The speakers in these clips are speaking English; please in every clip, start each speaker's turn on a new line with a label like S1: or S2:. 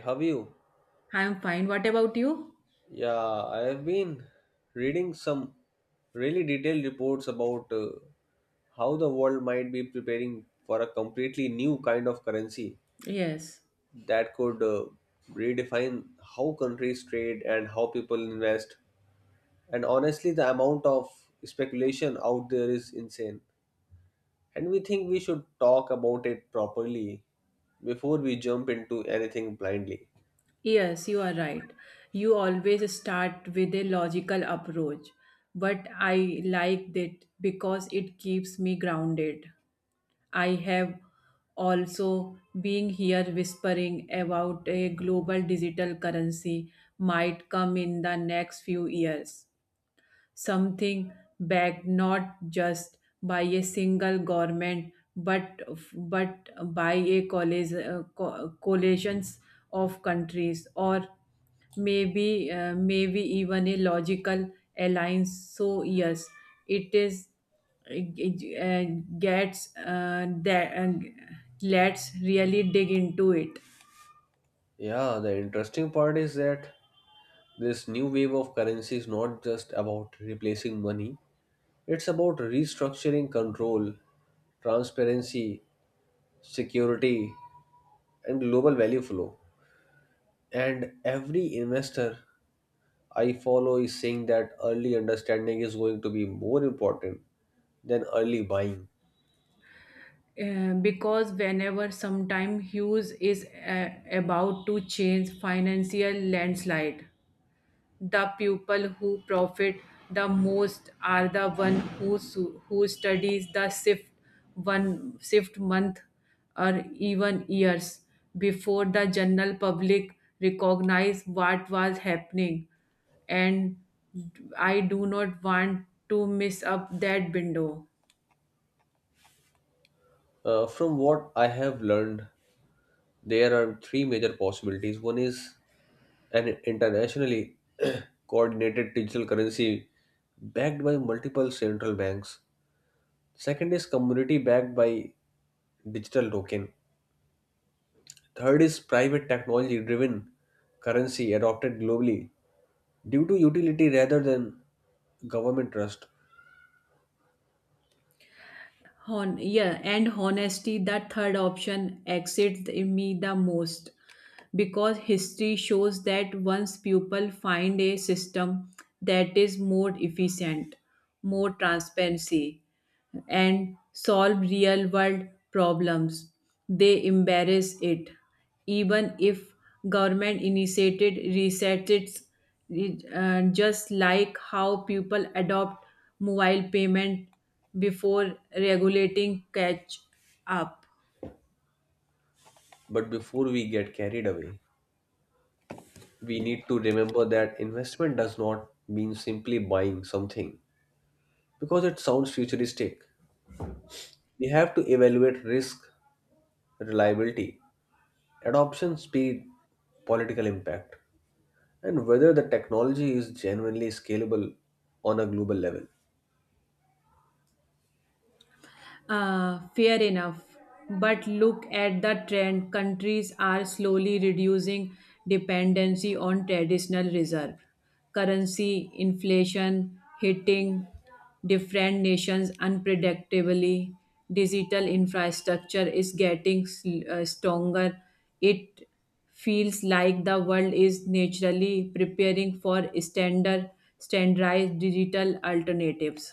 S1: Have you?
S2: I'm fine. What about you?
S1: Yeah, I have been reading some really detailed reports about how the world might be preparing for a completely new kind of currency
S2: Yes.
S1: that could redefine how countries trade and how people invest. And honestly, the amount of speculation out there is insane. And we think we should talk about it properly before we jump into anything blindly.
S2: Yes, you are right. You always start with a logical approach, but I like that because it keeps me grounded. I have also being here whispering about a global digital currency might come in the next few years. Something backed not just by a single government but by a college, coalitions of countries, or maybe even a logical alliance. So yes, it is it, gets that let's really dig into it.
S1: Yeah, the interesting part is that this new wave of currency is not just about replacing money, it's about restructuring control, transparency, security, and global value flow. And every investor I follow is saying that early understanding is going to be more important than early buying.
S2: Because whenever sometime Hughes is about to change financial landslide, the people who profit the most are the one who studies the shift one shift month or even years before the general public recognize what was happening, and I do not want to miss up that window.
S1: From what I have learned, there are three major possibilities. One is an internationally coordinated digital currency backed by multiple central banks. Second is community backed by digital token. Third is private technology driven currency adopted globally due to utility rather than government trust.
S2: Yeah, and honesty, that third option exits me the most because history shows that once people find a system that is more efficient, more transparency, and solve real world problems. They embrace it. Even if government initiated resets, it's just like how people adopt mobile payment before regulating catch up.
S1: But before we get carried away, we need to remember that investment does not mean simply buying something because it sounds futuristic. We have to evaluate risk, reliability, adoption speed, political impact, and whether the technology is genuinely scalable on a global level.
S2: Fair enough. But look at the trend. Countries are slowly reducing dependency on traditional reserve. Currency inflation hitting different nations unpredictably. Digital infrastructure is getting stronger. It feels like the world is naturally preparing for standardized digital alternatives.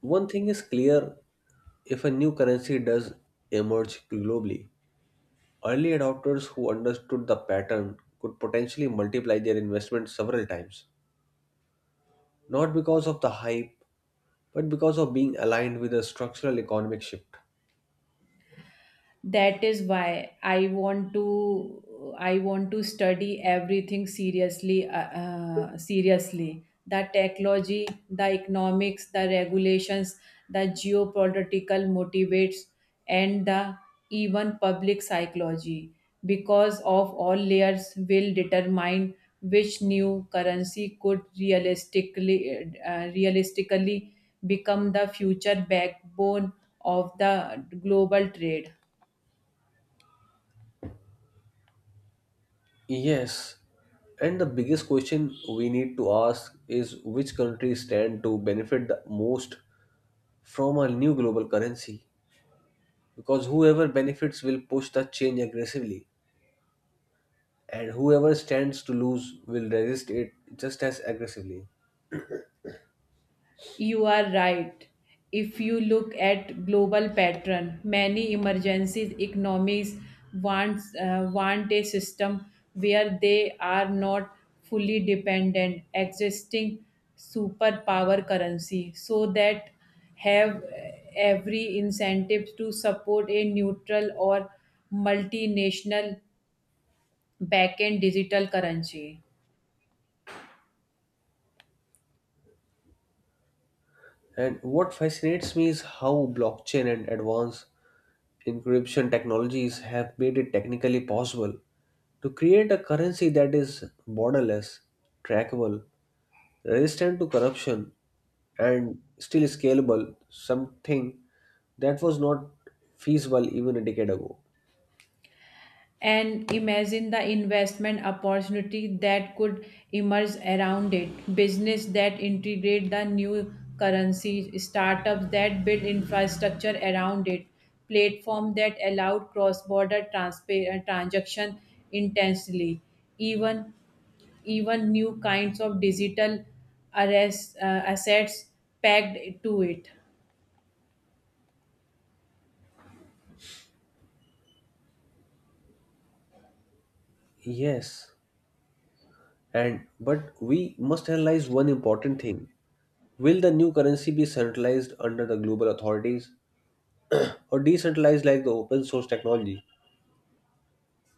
S1: One thing is clear, if a new currency does emerge globally, early adopters who understood the pattern could potentially multiply their investment several times, not because of the hype, but because of being aligned with a structural economic shift.
S2: That is why I want to study everything seriously, the technology, the economics, the regulations, the geopolitical motivates, and the even public psychology, because of all layers will determine which new currency could realistically become the future backbone of the global trade.
S1: Yes, and the biggest question we need to ask is which countries stand to benefit the most from a new global currency? Because whoever benefits will push the change aggressively, and whoever stands to lose will resist it just as aggressively.
S2: You are right. If you look at global pattern, many emergency economies want a system where they are not fully dependent existing superpower currency, so that have every incentive to support a neutral or multinational backend digital currency.
S1: And what fascinates me is how blockchain and advanced encryption technologies have made it technically possible to create a currency that is borderless, trackable, resistant to corruption, and still scalable, something that was not feasible even a decade ago.
S2: And imagine the investment opportunity that could emerge around it, business that integrate the new currency, startups that build infrastructure around it, platform that allow cross border transpa transaction intensely, even even new kinds of digital assets packed to it.
S1: Yes, and but we must analyze one important thing. Will the new currency be centralized under the global authorities or decentralized like the open source technology?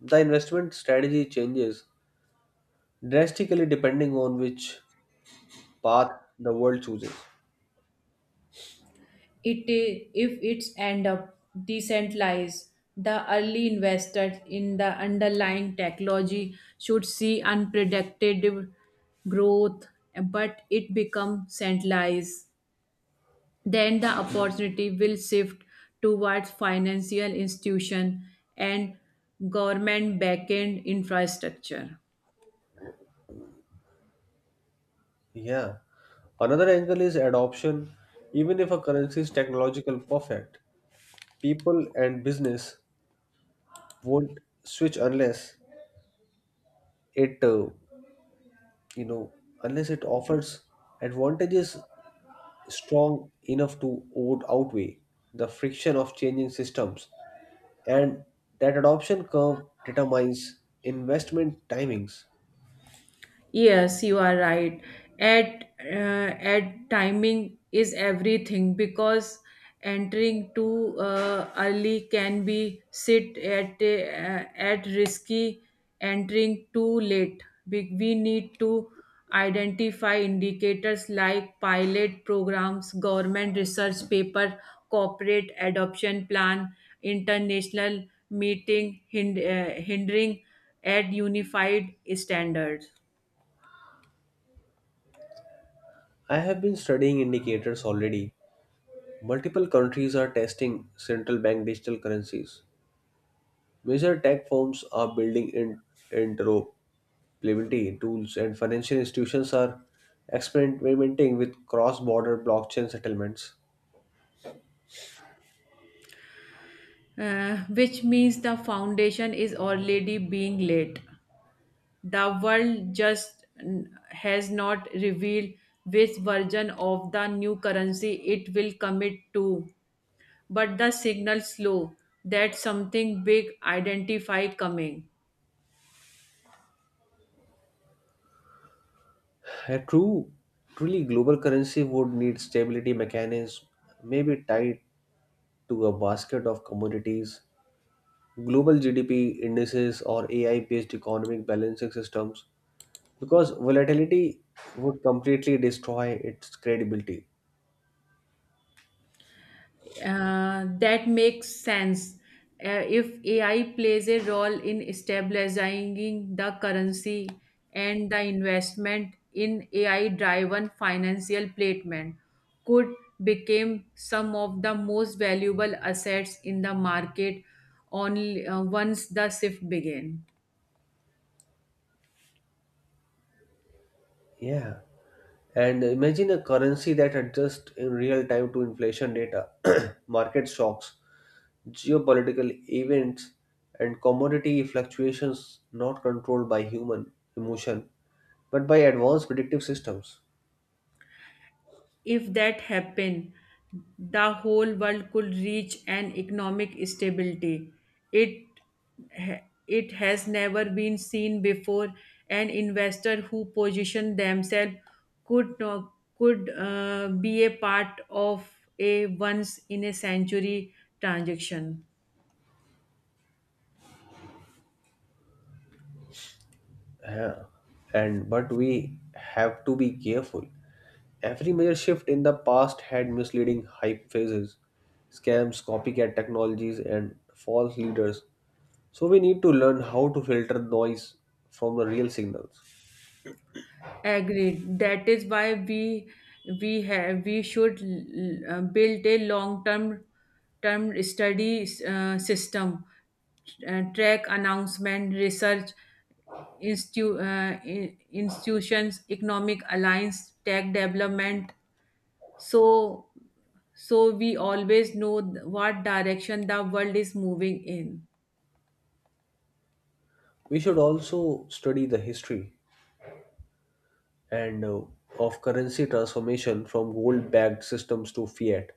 S1: The investment strategy changes drastically depending on which path the world chooses.
S2: If it's end up decentralized, the early investors in the underlying technology should see unpredictable growth, but it becomes centralized, then the opportunity will shift towards financial institution and government backend infrastructure.
S1: Yeah. Another angle is adoption. Even if a currency is technological perfect, people and business won't switch it, uh, you know, unless it offers advantages strong enough to outweigh the friction of changing systems, and that adoption curve determines investment timings.
S2: Yes, you are right. At timing is everything because entering too early can be sit at risky. Entering too late, we need to identify indicators like pilot programs, government research paper, corporate adoption plan, international meeting hindering at unified standards.
S1: I have been studying indicators already. Multiple countries are testing central bank digital currencies. Major tech firms are building interoperability tools, and financial institutions are experimenting with cross border blockchain settlements.
S2: Which means the foundation is already being laid. The world just has not revealed which version of the new currency it will commit to, but the signal slow that something big identify coming.
S1: A truly global currency would need stability mechanism, maybe tied to a basket of commodities, global GDP indices, or AI-based economic balancing systems, because volatility would completely destroy its credibility.
S2: That makes sense. If AI plays a role in stabilizing the currency and the investment in AI-driven financial placement could become some of the most valuable assets in the market only once the shift began.
S1: Yeah. And imagine a currency that adjusts in real time to inflation data, market shocks, geopolitical events, and commodity fluctuations not controlled by human emotion but by advanced predictive systems.
S2: If that happened, the whole world could reach an economic stability. It it has never been seen before. An investor who positioned themselves could no- could be a part of a once in a century transaction.
S1: Yeah. And but we have to be careful. Every major shift in the past had misleading hype phases, scams, copycat technologies, and false leaders. So we need to learn how to filter noise from the real signals.
S2: Agreed. That is why we should build a long term study system, track announcement, research institutions, economic alliance, tech development. So so we always know what direction the world is moving in.
S1: We should also study the history and of currency transformation from gold-backed systems to fiat,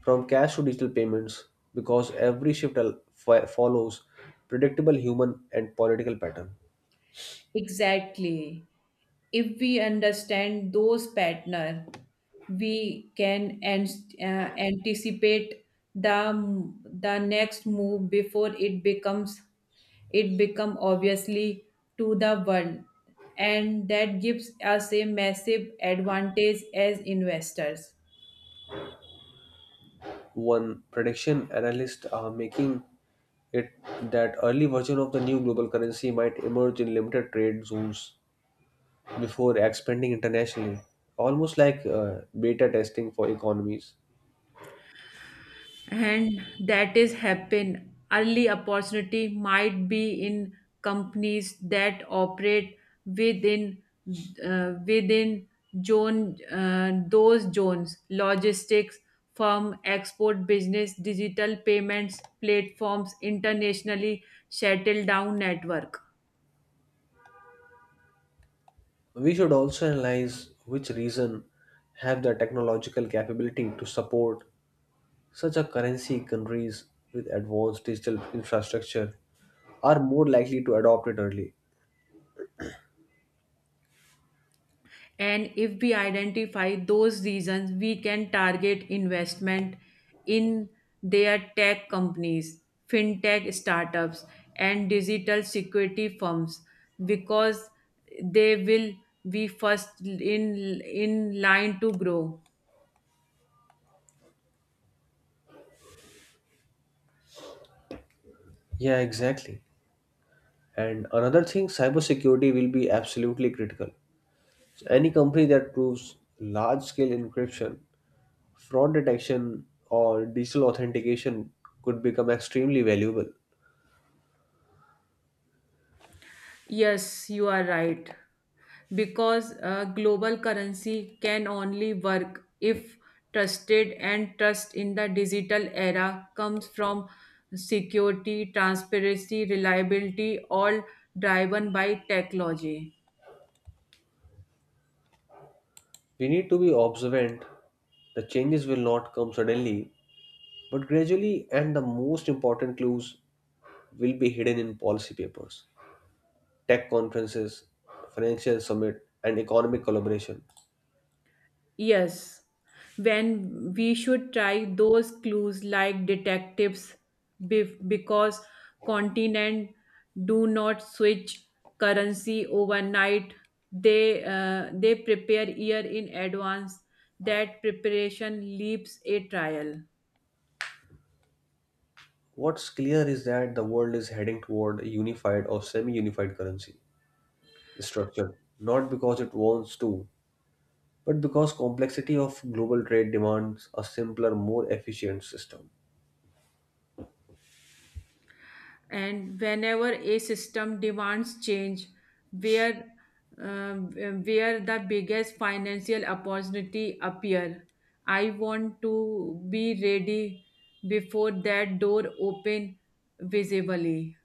S1: from cash to digital payments, because every shift follows predictable human and political pattern.
S2: Exactly. If we understand those patterns, we can anticipate the the next move before it become obviously to the world, and that gives us a massive advantage as investors.
S1: One prediction analysts are making it that early version of the new global currency might emerge in limited trade zones before expanding internationally, almost like beta testing for economies.
S2: And that is happen early opportunity might be in companies that operate within within zone those zones, logistics firm, export business, digital payments platforms, internationally settled down network.
S1: We should also analyze which region have the technological capability to support such a currency, countries with advanced digital infrastructure are more likely to adopt it early.
S2: And if we identify those reasons, we can target investment in their tech companies, fintech startups, and digital security firms because they will be first in line to grow.
S1: Yeah, exactly. And another thing, cybersecurity will be absolutely critical. So any company that proves large-scale encryption, fraud detection, or digital authentication could become extremely valuable.
S2: Yes, you are right. Because a global currency can only work if trusted, and trust in the digital era comes from security, transparency, reliability, all driven by technology.
S1: We need to be observant. The changes will not come suddenly, but gradually, and the most important clues will be hidden in policy papers, tech conferences, financial summit, and economic collaboration.
S2: Yes, when we should try those clues like detectives because continent do not switch currency overnight. They prepare year in advance. That preparation leaves a trial.
S1: What's clear is that the world is heading toward a unified or semi unified currency structure, not because it wants to, but because complexity of global trade demands a simpler, more efficient system.
S2: And whenever a system demands change where where the biggest financial opportunity appear, I want to be ready before that door open visibly.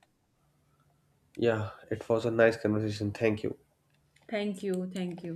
S1: Yeah, it was a nice conversation. Thank you.
S2: Thank you, thank you.